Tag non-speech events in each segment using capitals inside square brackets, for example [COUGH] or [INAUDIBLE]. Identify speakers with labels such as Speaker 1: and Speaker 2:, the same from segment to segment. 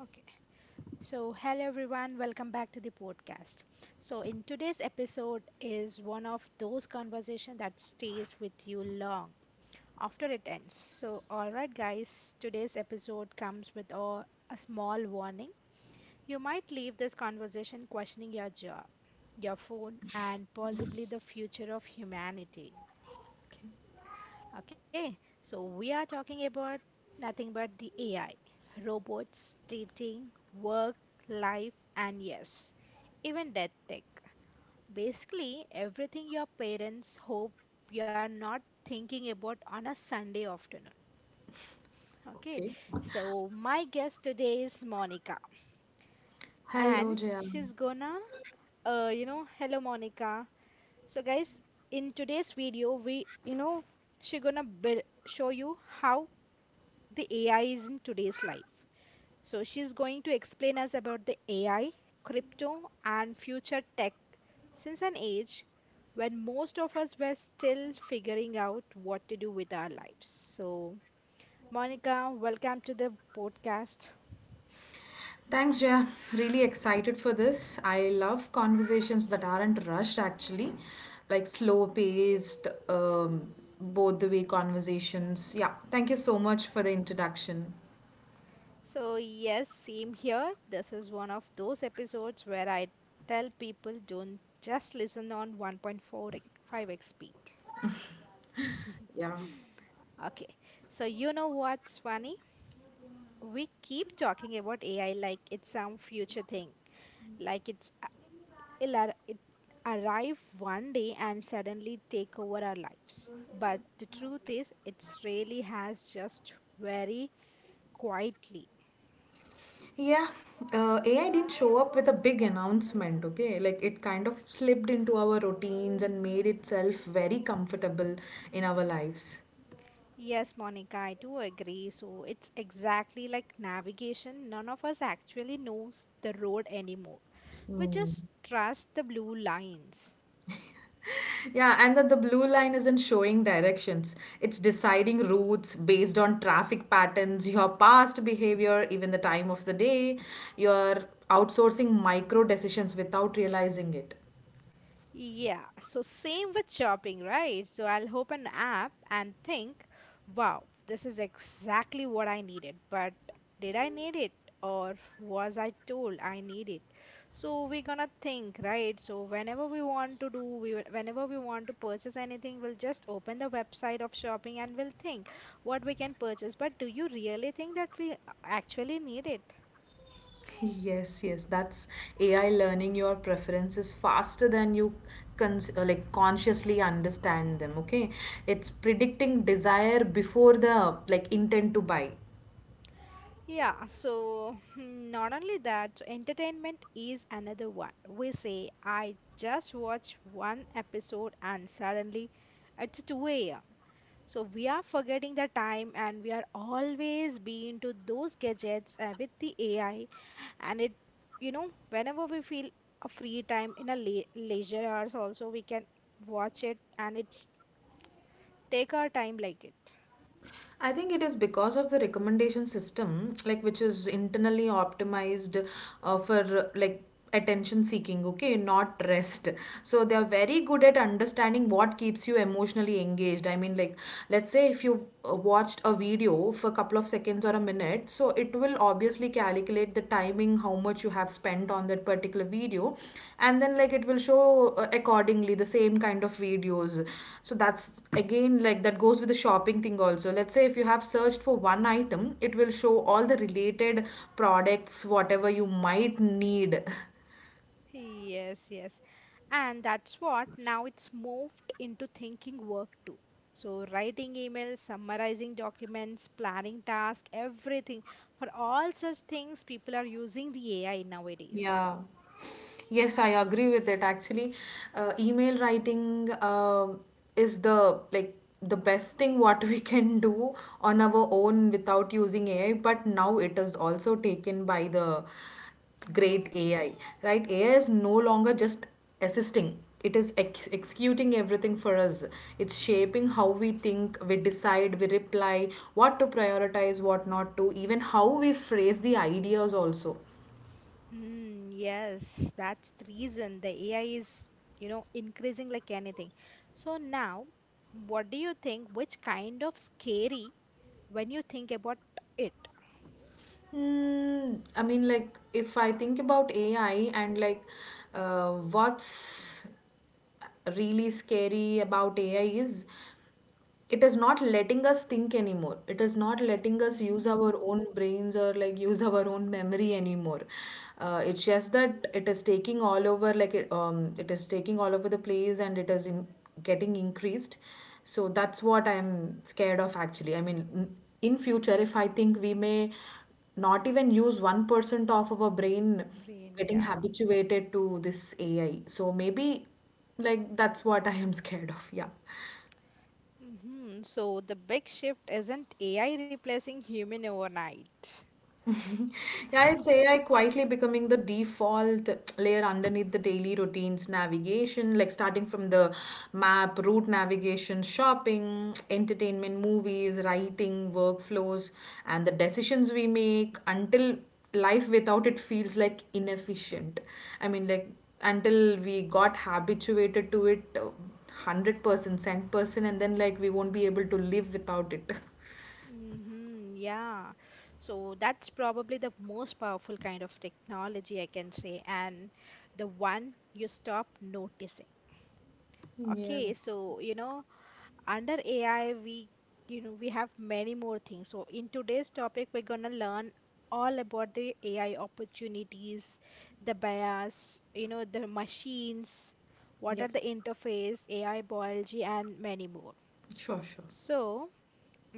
Speaker 1: Okay, so hello everyone, welcome back to the podcast. So in today's episode is one of those conversations that stays with you long after it ends. So all right guys, today's episode comes with a small warning. You might leave this conversation questioning your job, your phone and possibly the future of humanity. Okay, so we are talking about nothing but the AI, robots, dating, work, life, and yes, even death tech. Basically, everything your parents hope you are not thinking about on a Sunday afternoon. Okay,
Speaker 2: Okay.
Speaker 1: so my guest today is Monica,
Speaker 2: Hello,
Speaker 1: and
Speaker 2: Jaya.
Speaker 1: she's gonna, you know, hello Monica. So, guys, in today's video, she gonna show you how the AI is in today's life. So she's going to explain us about the AI, crypto, and future tech since an age when most of us were still figuring out what to do with our lives. So, Monica, welcome to the podcast.
Speaker 2: Thanks, Jaya. Really excited for this. I love conversations that aren't rushed, actually, like slow paced, both the way conversations. Yeah, thank you so much for the introduction.
Speaker 1: So, yes, same here. This is one of those episodes where I tell people don't just listen on 1.45x speed. [LAUGHS]
Speaker 2: Yeah.
Speaker 1: Okay, so you know what, Swani? We keep talking about AI like it's some future thing, like it's a- it'll ar- it arrive one day and suddenly take over our lives. But the truth is, it really has just very quietly.
Speaker 2: Yeah, AI didn't show up with a big announcement, okay? Like it kind of slipped into our routines and made itself very comfortable in our lives.
Speaker 1: Yes, Monica, I do agree. So it's exactly like navigation. None of us actually knows the road anymore. We
Speaker 2: Hmm.
Speaker 1: just trust the blue lines.
Speaker 2: [LAUGHS] Yeah, and that the blue line isn't showing directions. It's deciding routes based on traffic patterns, your past behavior, even the time of the day. You're outsourcing micro decisions without realizing it.
Speaker 1: Yeah, so same with shopping, right? So I'll open an app and think, wow, this is exactly what I needed, but did I need it or was I told I need it? So we're gonna think, right? So whenever we want to do, whenever we want to purchase anything, we'll just open the website of shopping and we'll think what we can purchase. But do you really think that we actually need it?
Speaker 2: Yes, yes, that's AI learning your preferences faster than you like consciously understand them, okay? It's predicting desire before the like intent to buy.
Speaker 1: Yeah, so not only that, entertainment is another one. We say, I just watched one episode and suddenly it's 2 a.m. So we are forgetting the time and we are always being to those gadgets with the AI. And whenever we feel a free time in a le leisure hours also, we can watch it and it's take our time like it.
Speaker 2: I think it is because of the recommendation system, like which is internally optimized for like attention seeking, okay, not rest. So they are very good at understanding what keeps you emotionally engaged. I mean, like let's say if you watched a video for a couple of seconds or a minute, so it will obviously calculate the timing how much you have spent on that particular video, and then like it will show accordingly the same kind of videos. So that's again like that goes with the shopping thing also. Let's say if you have searched for one item, it will show all the related products whatever you might need. [LAUGHS]
Speaker 1: Yes, yes. And that's what now it's moved into thinking work too. So writing emails, summarizing documents, planning tasks, everything. For all such things, people are using the AI nowadays.
Speaker 2: Yeah. Yes, I agree with it. Actually, email writing is the like the best thing what we can do on our own without using AI. But now it is also taken by the great
Speaker 1: Hmm.
Speaker 2: AI, right? AI is no longer just assisting. It is executing everything for us. It's shaping how we think, we decide, we reply, what to prioritize, what not to, even how we phrase the ideas also.
Speaker 1: Hmm, yes, that's the reason the AI is, you know, increasing like anything. So now, what do you think? Which kind of scary when you think about it?
Speaker 2: Mm, I mean, like, if I think about AI and like what's really scary about AI is it is not letting us think anymore. It is not letting us use our
Speaker 1: Hmm.
Speaker 2: own brains or like use [LAUGHS] our own memory anymore. It's just that it is taking all over, like it is taking all over the place and getting increased. So that's what I'm scared of actually. I mean, in future, if I think we may not even use 1% of our brain
Speaker 1: Brain, yeah.
Speaker 2: getting habituated to this AI. So maybe like that's what I am [LAUGHS] scared of. Yeah.
Speaker 1: Mhm. So the big shift isn't AI replacing human overnight.
Speaker 2: [LAUGHS] Yeah, it's
Speaker 1: [LAUGHS]
Speaker 2: AI quietly becoming the default layer underneath the daily routines, navigation, like starting from the map, route navigation, shopping, entertainment, movies, writing, workflows, and the decisions we make until life without it feels like inefficient. I mean, like until we got habituated to it 100%, cent percent, and then like we won't be able to live without it. [LAUGHS]
Speaker 1: Hmm, yeah. So that's probably the most powerful kind of technology I can say, and the one you stop noticing.
Speaker 2: Yeah.
Speaker 1: Okay, so you know, under AI, we we have many more things. So in today's topic, we're gonna learn all about the AI opportunities, the bias, you know, the machines, what are
Speaker 2: Yep.
Speaker 1: the interface, AI biology, and many more.
Speaker 2: Sure, sure.
Speaker 1: So, mm,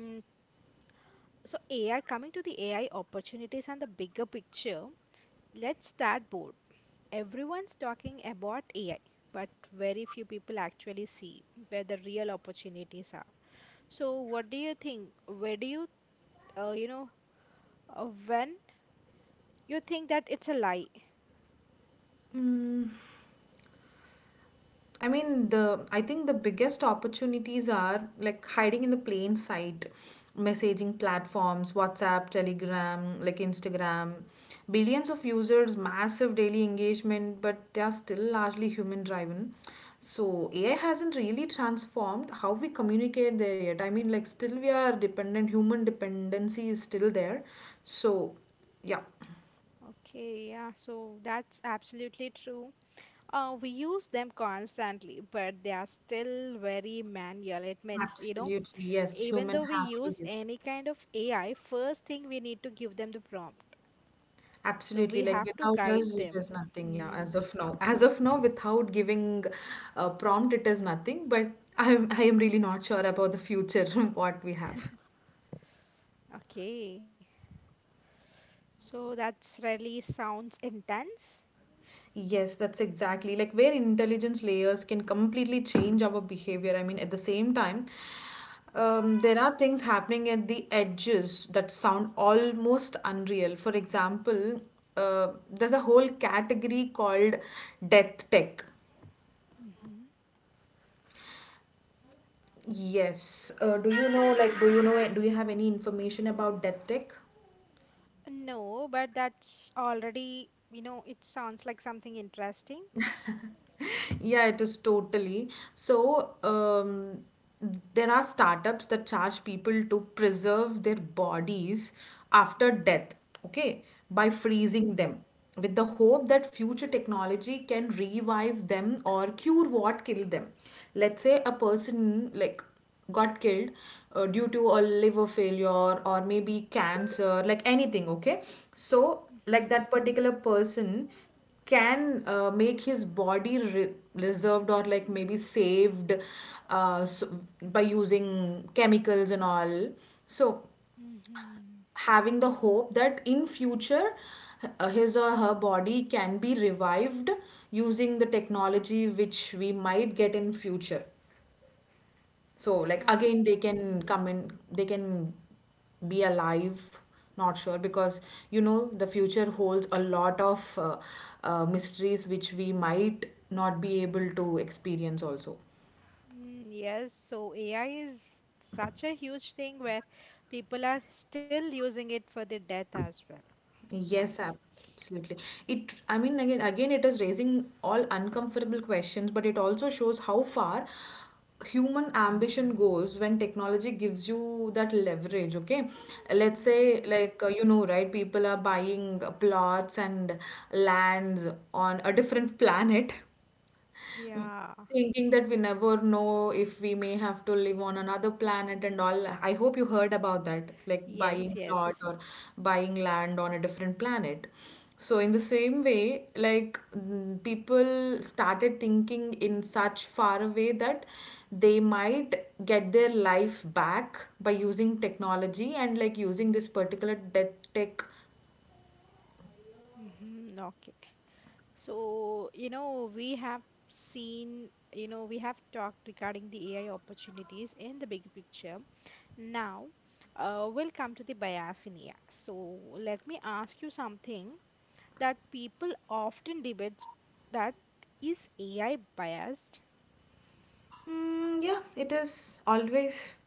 Speaker 1: so AI coming to the AI opportunities and the bigger picture. Let's start board. Everyone's talking about AI, but very few people actually see where the real opportunities are. So, what do you think? Where do you, you know, when you think that it's a lie?
Speaker 2: I mean, the I think the biggest opportunities are like hiding in the plain sight, messaging platforms, WhatsApp, Telegram, like Instagram, billions of users, massive daily engagement, but they are still largely human driven. So AI hasn't really transformed how we communicate there yet. I mean, like still we are dependent, human dependency is still there. So yeah,
Speaker 1: Okay, yeah, so that's absolutely true. We use them constantly, but they are still very manual. It means, you know,
Speaker 2: absolutely yes,
Speaker 1: even
Speaker 2: human
Speaker 1: though we
Speaker 2: have to
Speaker 1: use
Speaker 2: give.
Speaker 1: any kind of AI, first thing we need to give them the prompt. So
Speaker 2: Absolutely.
Speaker 1: we
Speaker 2: Like
Speaker 1: have to
Speaker 2: without us,
Speaker 1: guide
Speaker 2: it
Speaker 1: them.
Speaker 2: is nothing. Yeah,
Speaker 1: Hmm,
Speaker 2: as of now. As of now, without giving a prompt, it is nothing. But I am really not sure about the future, [LAUGHS] what we have.
Speaker 1: okay. So that's really sounds intense.
Speaker 2: Yes, that's exactly like where intelligence layers can completely change our behavior. I mean, at the same time, there are things happening at the edges that sound almost unreal. For example, there's a whole category called death tech.
Speaker 1: Mhm.
Speaker 2: Yes. Do you know, do you have any information about death tech?
Speaker 1: No, but that's already, you know, it sounds like something interesting.
Speaker 2: [LAUGHS] Yeah, it is totally. So, there are startups that charge people to preserve their bodies after
Speaker 1: Mm-hmm.
Speaker 2: death, okay, by
Speaker 1: Okay.
Speaker 2: freezing them with the hope that future technology can revive them or cure what killed them. Let's say a person like got killed due to a liver failure or maybe cancer, like anything, okay? So, like that particular person can make his body reserved or like maybe saved so, by using chemicals and all, so
Speaker 1: Mm-hmm. Mm-hmm.
Speaker 2: having the hope that in future his or her body can be revived using the technology which we might get in future, so like again they
Speaker 1: Okay.
Speaker 2: can come in, they can be alive. Not sure because you know the future holds a lot of mysteries which we might not be able to experience also.
Speaker 1: Mm, yes, so AI is such a huge thing where people are still using it for their death as well.
Speaker 2: Yes,
Speaker 1: Nice.
Speaker 2: absolutely. I mean, again, it is raising all uncomfortable questions, but it also shows how far human ambition goes when technology gives you that leverage. Okay, let's say,
Speaker 1: Mm-hmm.
Speaker 2: you know, right? People are buying plots and lands on a different planet.
Speaker 1: Yeah.
Speaker 2: Thinking that we never know if we may have to live on another planet and all. I hope you heard about that, like
Speaker 1: Yes,
Speaker 2: buying plot
Speaker 1: yes.
Speaker 2: or buying land on a different planet. So, in the same way, like mm, people started thinking in such far a way that they might get their life back by using technology and like using this particular death tech.
Speaker 1: Mm-hmm. Okay. So, you know, we have seen, you know, we have talked regarding the AI opportunities in the big picture. Now, we'll come to the bias in AI. So, let me ask you something that people often debate that is AI biased?
Speaker 2: Yeah, it is always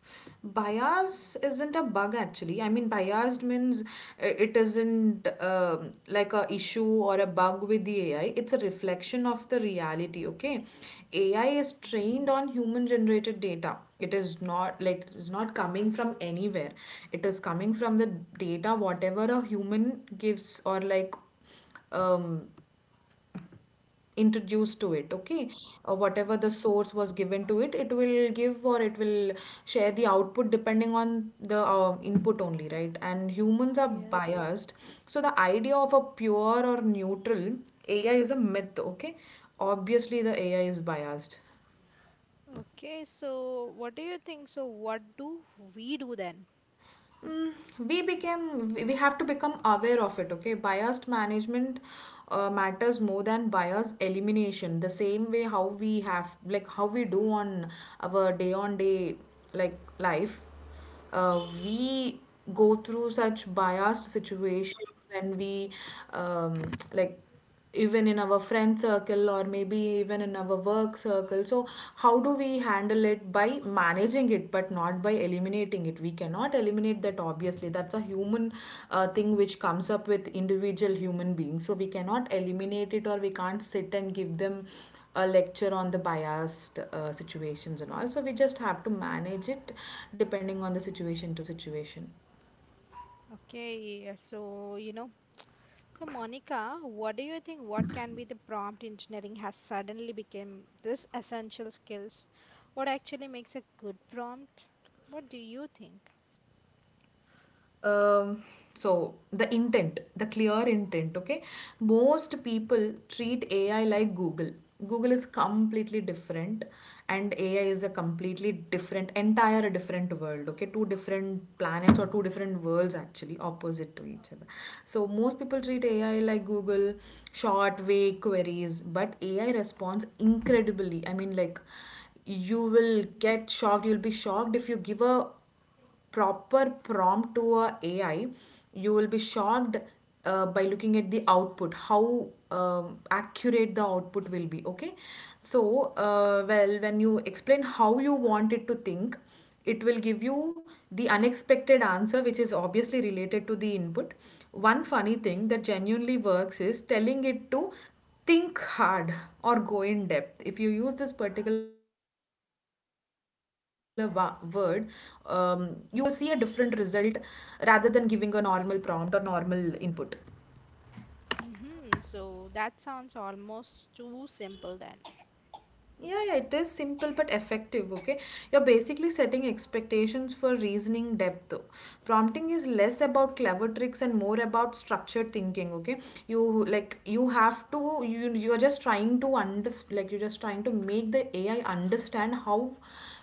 Speaker 2: bias isn't a bug actually. I mean, biased means it isn't like a issue or a bug with the AI. It's a reflection of the reality. Okay, AI is trained on human generated data. It is not like it is not coming from anywhere. It is coming from the data whatever a human gives or like um introduced to it, okay, or whatever the
Speaker 1: Mm-hmm.
Speaker 2: source was given to it, it will give or it will share the output depending on the input only, right? And humans are
Speaker 1: Yes.
Speaker 2: biased, so the idea of a pure or neutral AI is a myth, okay? Obviously the AI is biased.
Speaker 1: Okay, so what do you think? So, what do we do then?
Speaker 2: Mm, we have to become aware of it, okay. Biased management matters more than bias elimination, the same way how we have, like how we do on our day on day like life. We go through such biased situations when we um, like even in our friend circle or maybe even in our work circle, so how do we handle it? By managing it but not by eliminating it. We cannot eliminate that, obviously. That's a human thing which comes up with individual human beings, so we cannot eliminate it, or we can't sit and give them a lecture on the biased situations and all. So we just have to manage it depending on the situation to situation.
Speaker 1: Okay, so you know. So, Monica, what do you think? What can be the prompt engineering has suddenly become this essential skills? What actually makes a good prompt? What do you think?
Speaker 2: um, so the intent, the clear intent, okay. Most people treat AI like Google. Google is completely different and AI is a completely different, entire different world, okay. Two different planets or two different worlds, actually opposite to each other. So most people treat AI like Google, short vague queries, but AI responds incredibly. I mean, like you will get shocked. You'll be shocked. If you give a proper prompt to a AI, you will be shocked by looking at the output, how accurate the output will be. Okay, so when you explain how you want it to think, it will give you the unexpected answer, which is obviously related to the input. One funny thing that genuinely works is telling it to think hard or go in depth. If you use this particular word, you will see a different result rather than giving a normal prompt or normal input.
Speaker 1: Mm-hmm. So that sounds almost too simple then.
Speaker 2: Yeah, yeah, it is simple but effective, okay? You're basically setting expectations for reasoning depth, though. Prompting is less about clever tricks and more about structured thinking, okay? You have to, you're just trying to understand, like you're just trying to make the AI understand how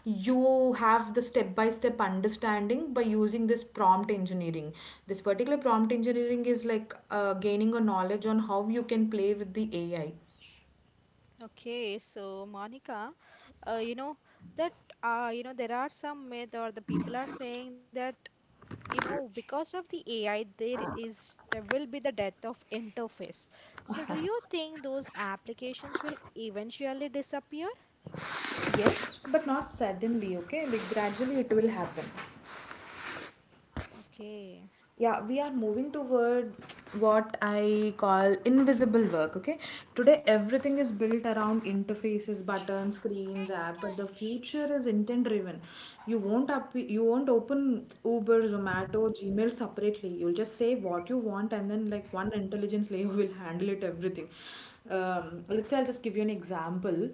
Speaker 2: you have the step by step understanding by using this prompt engineering. This particular prompt engineering is like gaining a knowledge on how you can play with the AI.
Speaker 1: Okay, so Monica, uh, you know that you know there are some myth or the people are saying that you know because of the AI there is there will be the death of interface, so do you think those applications will eventually disappear?
Speaker 2: Yes, but not suddenly, okay? Like gradually it will happen.
Speaker 1: Okay.
Speaker 2: Yeah, we are moving toward what I call invisible work, okay? Today everything is built around interfaces, buttons, screens, app, but the future is intent driven. You won't open Uber, Zomato, Gmail separately. You'll just say what you want and then like one intelligence layer will handle it everything. Let's say I'll just give you an example.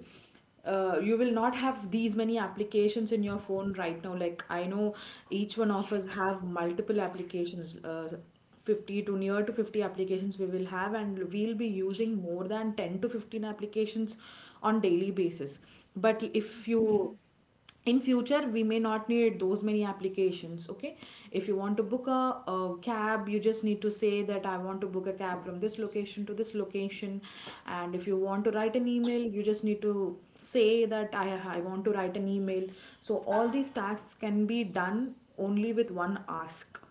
Speaker 2: You will not have these many applications in your phone right now. Like I know each one of us have multiple applications, 50 to near to 50 applications we will have, and we'll be using more than 10 to 15 applications on daily basis. But if you
Speaker 1: Mm-hmm.
Speaker 2: in future we may not need those many applications, okay? If you want to book a cab, you just need to say that I want to book a cab from this location to this location. And if you want to write an email, you just need to say that I want to write an email. So all these tasks can be done only with one ask.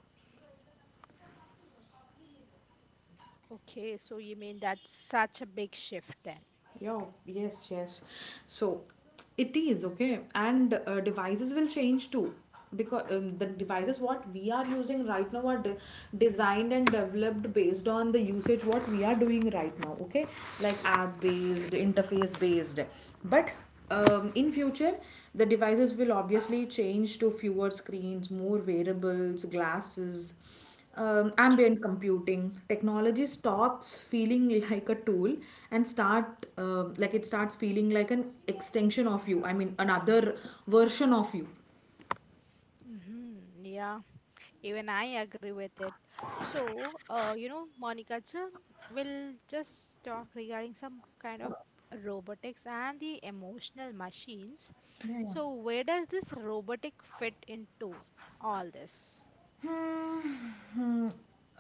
Speaker 1: Okay, so you mean that's such a big shift then?
Speaker 2: Yo, yes, yes. So it is okay, and devices will change too, because the devices what we are using right now are designed and developed based on the usage what we are doing right now. Okay, like app based, interface based, but in future the devices will obviously change to fewer screens, more variables, glasses. Ambient computing technology stops feeling [LAUGHS] like a tool and start like it starts feeling like an extension of you, I mean another version of you.
Speaker 1: Mm-hmm. Yeah, even I agree with it. So, you know, Monica, we'll just talk regarding some kind of robotics and the emotional machines.
Speaker 2: Yeah, yeah.
Speaker 1: So, where does this robotic fit into all this?
Speaker 2: Hmm.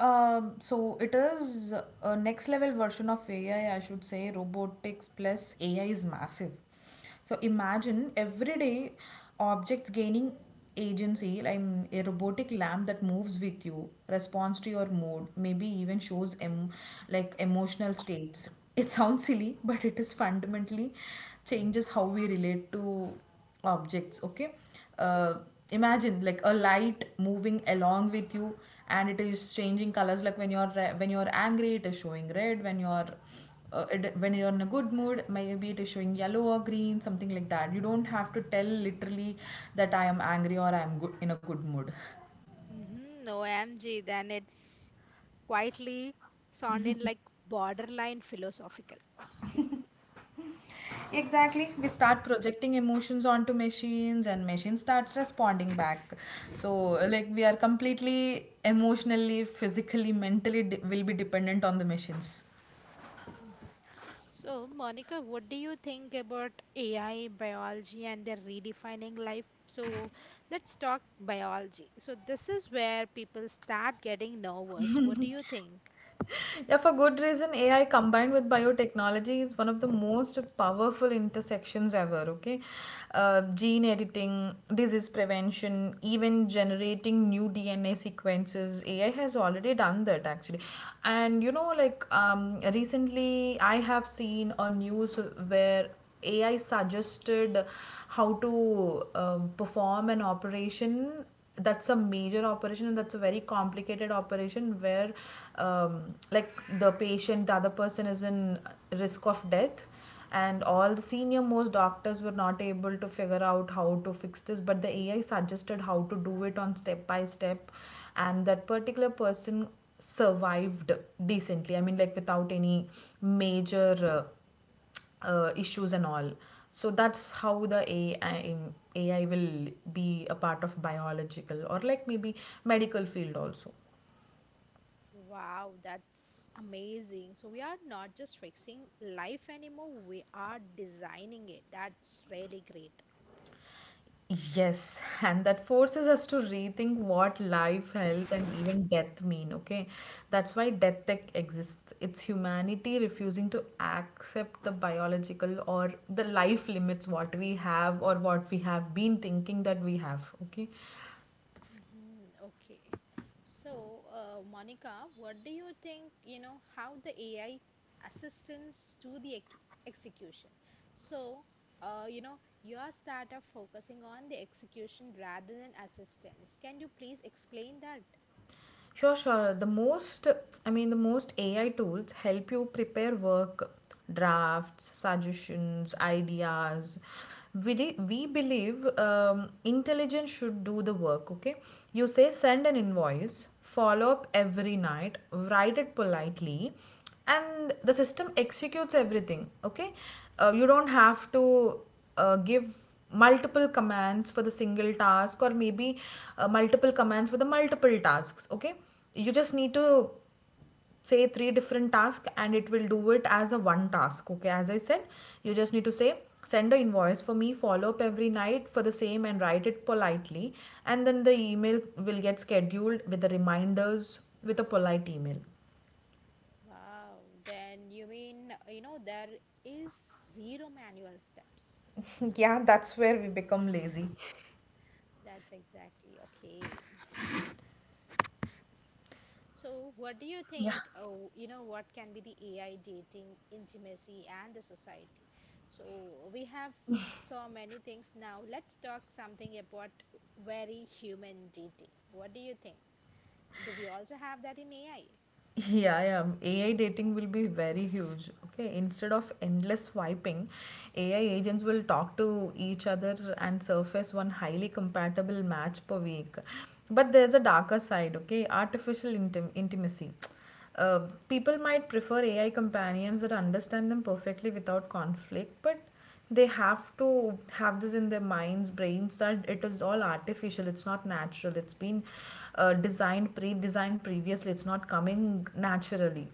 Speaker 2: So it is a next level version of AI, I should say. Robotics plus AI is massive. So imagine everyday objects gaining agency, like a robotic lamp that moves with you, responds to your mood, maybe even shows like emotional states. It sounds silly, but it is fundamentally changes how we relate to objects. Okay, uh, imagine like a light moving along with you, and it is changing colors, like when you're when you're angry it is showing red, when you're when you're in a good mood maybe it is showing yellow or green, something like that. You don't have to tell literally that I am angry or I am good, in a good mood.
Speaker 1: Mm-hmm, OMG, then it's quietly sounding like borderline philosophical.
Speaker 2: Exactly. We start projecting emotions onto machines and machine starts responding back. So like we are completely emotionally, physically, mentally will be dependent on the machines.
Speaker 1: So, Monica, what do you think about AI, biology, and their redefining life? So, let's talk biology. So, this is where people start getting nervous. What do you think?
Speaker 2: Yeah, for good reason, AI combined with biotechnology is one of the most powerful intersections ever. Okay, gene editing, disease prevention, even generating new DNA sequences. AI has already done that actually. And you know, like recently I have seen a news where AI suggested how to perform an operation. That's a major operation and that's a very complicated operation where like the patient, the other person is in risk of death, and all the senior most doctors were not able to figure out how to fix this, but the AI suggested how to do it on step by step, and that particular person survived decently, I mean like without any major uh, issues and all. So that's how the AI will be a part of biological or like maybe medical field also.
Speaker 1: Wow, that's amazing. So, we are not just fixing life anymore, we are designing it. That's really great.
Speaker 2: Yes, [LAUGHS] and that forces us to rethink what life, health, and even death mean, okay? That's why death tech exists. It's humanity refusing to accept the biological or the life limits what we have or what we have been thinking that we have, okay?
Speaker 1: Mhm, okay. So, Monica, what do you think, you know, how the AI assistants to the ec execution? So, you know, your startup focusing on the execution rather than assistance. Can you please explain that?
Speaker 2: Sure, sure. I mean, the most AI tools help you prepare work, drafts, suggestions, ideas. We believe intelligence should do the work, okay? You say send an invoice, follow up every night, write it politely, and the system executes everything, okay? You don't have to give multiple commands for the single task, or maybe multiple commands for the multiple tasks, okay? You just need to say three different tasks and it will do it as a one task, okay? As I said, you just need to say send an invoice for me, follow up every night for the same, and write it politely, and then the email will get scheduled with the reminders with a polite email.
Speaker 1: Wow, then you mean, you know, there is zero manual steps.
Speaker 2: [LAUGHS] Yeah, that's where we become lazy.
Speaker 1: That's exactly okay. So, what do you think?
Speaker 2: Yeah.
Speaker 1: Oh, you know, what can be the AI dating, intimacy, and the society? So, we have so many things now. Let's talk something about very human dating. What do you think? Do we also have that in AI?
Speaker 2: Yeah, yeah. AI dating will be very huge. Okay, instead of endless swiping, AI agents will talk to each other and surface one highly compatible match per week. But there's a darker side, okay? Artificial intimacy. People might prefer AI companions that understand them perfectly without conflict, but they have to have this in their minds, brains, that it is all artificial, it's not natural, it's been designed, pre-designed previously, it's not coming naturally.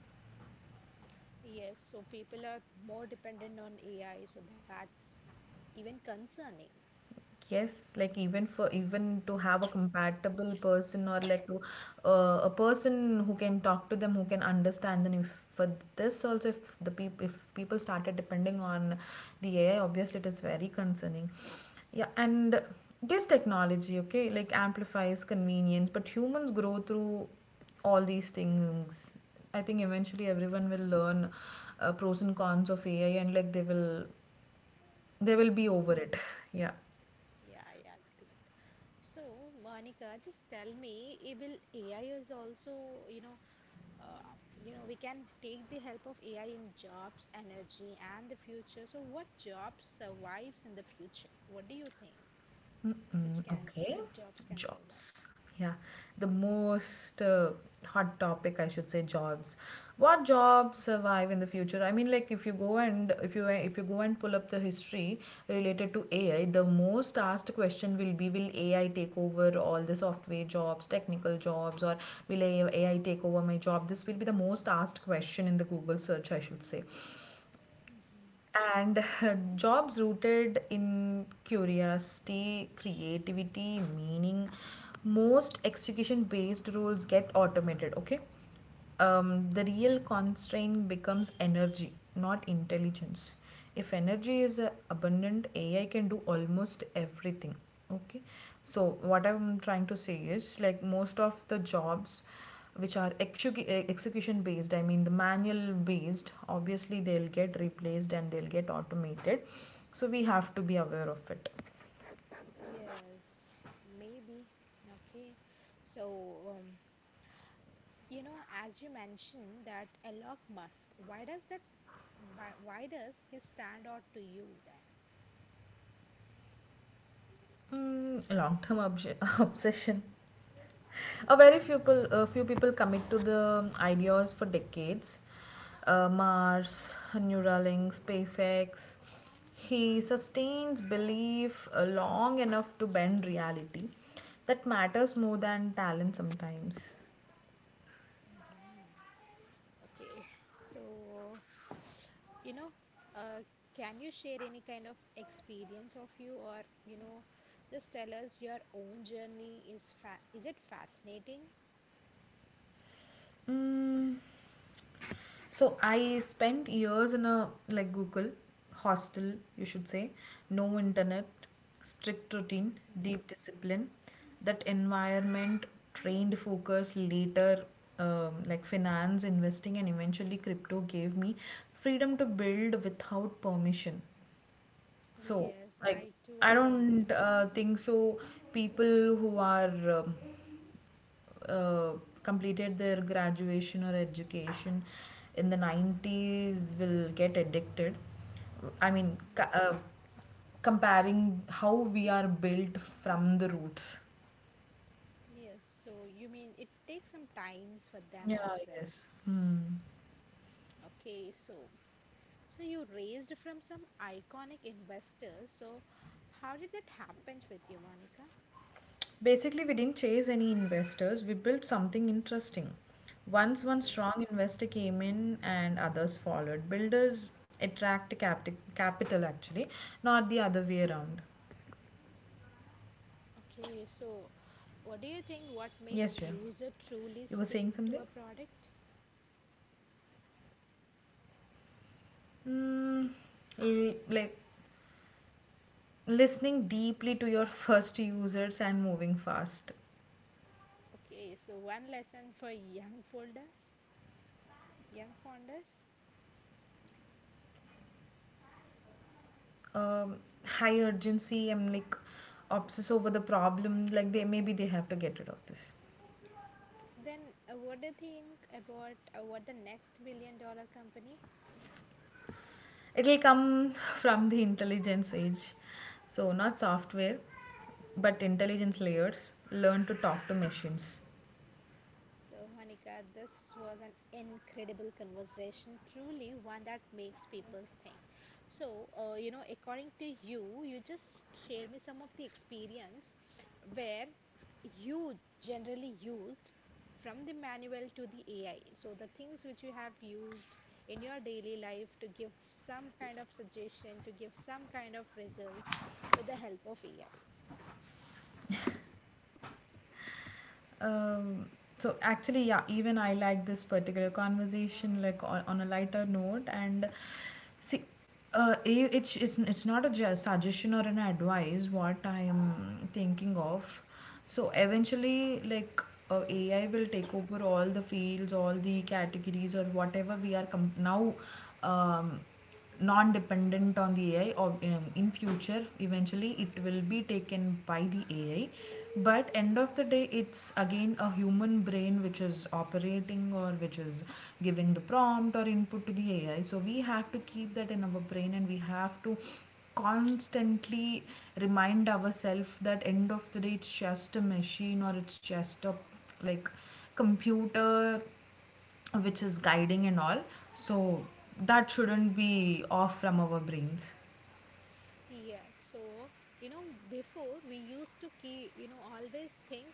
Speaker 1: Yes, so people are more dependent on AI, so that's even concerning.
Speaker 2: Yes, like even to have a compatible person, or like to a person who can talk to them, who can understand them. If for this also, if people started depending on the AI, obviously it is very concerning. Yeah, and this technology, okay, like amplifies convenience, but humans grow through all these things. I think eventually everyone will learn pros and cons of AI, and like they will be
Speaker 1: Mhm.
Speaker 2: over it. [LAUGHS] Yeah.
Speaker 1: Yeah, yeah, agree. So, Monica, just tell me, eh, will AI is also, uh, we can take the help of AI in jobs, energy, and the future. So, what job survives in the future? What do you think? Which
Speaker 2: Okay,
Speaker 1: jobs can survive?
Speaker 2: jobs. Yeah, the most hot topic, I should say, jobs. What jobs survive in the future? I mean, like if you go, and if you go and pull up the history related to AI, the most asked question will be, will AI take over all the software jobs, technical jobs, or will AI take over my job? This will be the most asked question in the Google search, I should say. And [LAUGHS] jobs rooted in curiosity, creativity, meaning. Most execution based roles get automated, okay? The real constraint becomes energy, not intelligence. If energy is abundant, AI can do almost everything, okay? So what I'm trying to say is, like most of the jobs which are execution based, I mean the manual based, obviously they'll get
Speaker 1: Hmm.
Speaker 2: replaced and they'll get automated. So we have to be aware of it.
Speaker 1: Yes, maybe. Okay. So, you know, as you mentioned that Elon Musk, why does he stand out to you
Speaker 2: Mm, long-term obs [LAUGHS] obsession. A very few people commit to the ideas for decades. Mars, Neuralink, SpaceX. He sustains belief long enough to bend reality. That matters more than talent sometimes.
Speaker 1: then? Okay, so you know, uh, can you share any kind of experience of you, or you know, just tell us your own journey, is fa is it fascinating?
Speaker 2: Mm. So I spent years in a like Google hostel, you should say, no internet, strict routine,
Speaker 1: Hmm.
Speaker 2: deep discipline. That environment trained focus later. Like finance, investing, and eventually crypto gave me freedom to build without permission. So,
Speaker 1: Yes, I
Speaker 2: like,
Speaker 1: do
Speaker 2: I
Speaker 1: agree. Yeah.
Speaker 2: don't think so. People who are uh, completed their graduation or education in the 90s will get addicted, I mean
Speaker 1: Hmm.
Speaker 2: comparing how we are built from the roots.
Speaker 1: Yes, so you mean it takes some times for them as
Speaker 2: Yeah,
Speaker 1: well.
Speaker 2: yes. Hmm.
Speaker 1: Okay, so so you raised from some iconic investors. So how did that happens with you, Monica?
Speaker 2: Basically we didn't chase any investors, we built something interesting. Once one
Speaker 1: Okay.
Speaker 2: strong investor came in and others followed. Builders attract capital actually, not the other way around.
Speaker 1: Okay, so what do you think what makes
Speaker 2: Yes, yeah,
Speaker 1: user truly
Speaker 2: you were
Speaker 1: stick
Speaker 2: saying
Speaker 1: to a
Speaker 2: something.
Speaker 1: product?
Speaker 2: Mm, like listening deeply to your first users and moving fast.
Speaker 1: Okay, so one lesson for young young founders.
Speaker 2: Um, High urgency. I'm like obsess over the problem. Like they maybe they have to get rid of this.
Speaker 1: Okay, then what do you think about what the next billion dollar company?
Speaker 2: It'll come [LAUGHS] from the intelligence age, so not software, but intelligence layers. Learn to talk to machines.
Speaker 1: So, Monica, this was an incredible conversation, truly one that makes people think. So, you know, according to you, you just share me some of the experience where you generally used from the manual to the AI. So the things which you have used in your daily life to give some kind of suggestion, to give some kind of results with the help of AI.
Speaker 2: Um, so actually, yeah, even I like this particular conversation, like on a lighter note. And see, it's it's not a suggestion or an advice what I am thinking of. So eventually, like AI will take over all the fields, all the categories, or whatever we are now. Um, Non-dependent on the AI, or in future eventually it will be taken by the AI. But end of the day it's again a human brain which is operating, or which is giving the prompt or input to the AI, so we have to keep that in our brain, and we have to constantly remind ourselves that end of the day it's just a machine, or it's just a like computer which is guiding and all. So that shouldn't be off from our brains.
Speaker 1: Yeah, so you know, before we used to keep, you know, always think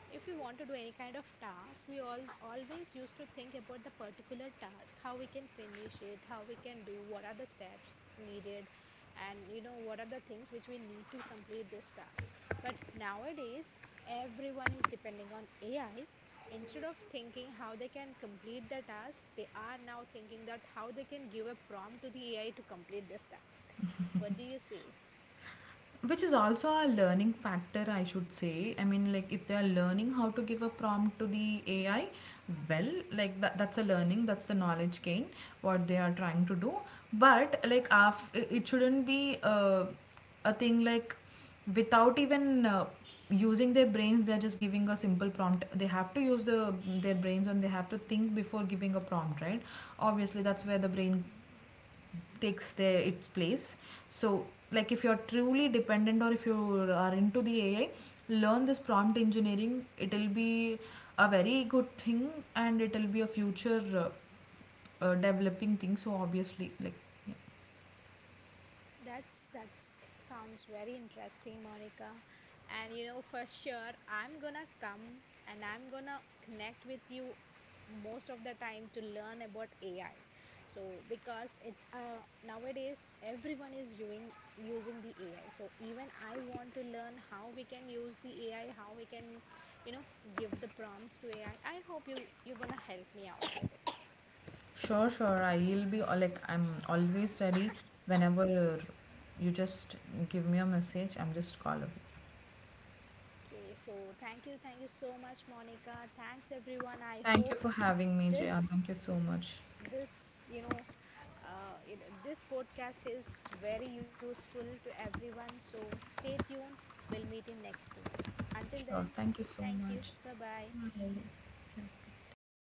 Speaker 1: if we want to do any kind of task, we all always used to think about the particular task, how we can finish it, how we can do, what are the steps needed, and you know, what are the things which we need to complete this task. But nowadays, everyone is depending on AI. Instead of thinking how they can complete the task, they are now thinking that how they can give a prompt to the AI to complete this task. What do you say?
Speaker 2: Which is also a learning factor, I should say. I mean like if they are learning how to give a prompt to the AI, well like that, that's a learning, that's the knowledge gain what they are trying to do. But like it shouldn't be a thing like without even using their brains they're just giving a simple prompt. They have to use the their brains, and they have to think before giving a prompt, right? Obviously that's where the brain takes their its place. So like if you're truly dependent, or if you are into the AI, learn this prompt engineering, it'll be a very good thing, and it'll be a future developing thing. So obviously like, yeah.
Speaker 1: That's sounds very interesting, Monica. And you know, for sure, I'm gonna come and I'm gonna connect with you most of the time to learn about AI. So because it's nowadays everyone is using using the AI. So even I want to learn how we can use the AI, how we can, you know, give the prompts to AI. I hope you're gonna help me out with it.
Speaker 2: Sure, sure. I will be like I'm always ready whenever you just give me a message. I'm just callable.
Speaker 1: Okay, so thank you so much, Monica. Thanks everyone. I hope
Speaker 2: Thank you for having me, Jaya.
Speaker 1: this
Speaker 2: Thank you so much.
Speaker 1: this this podcast is very useful to everyone. So stay tuned. We'll meet in next podcast. Until then,
Speaker 2: Sure. Thank you so
Speaker 1: thank you.
Speaker 2: much.
Speaker 1: Bye bye.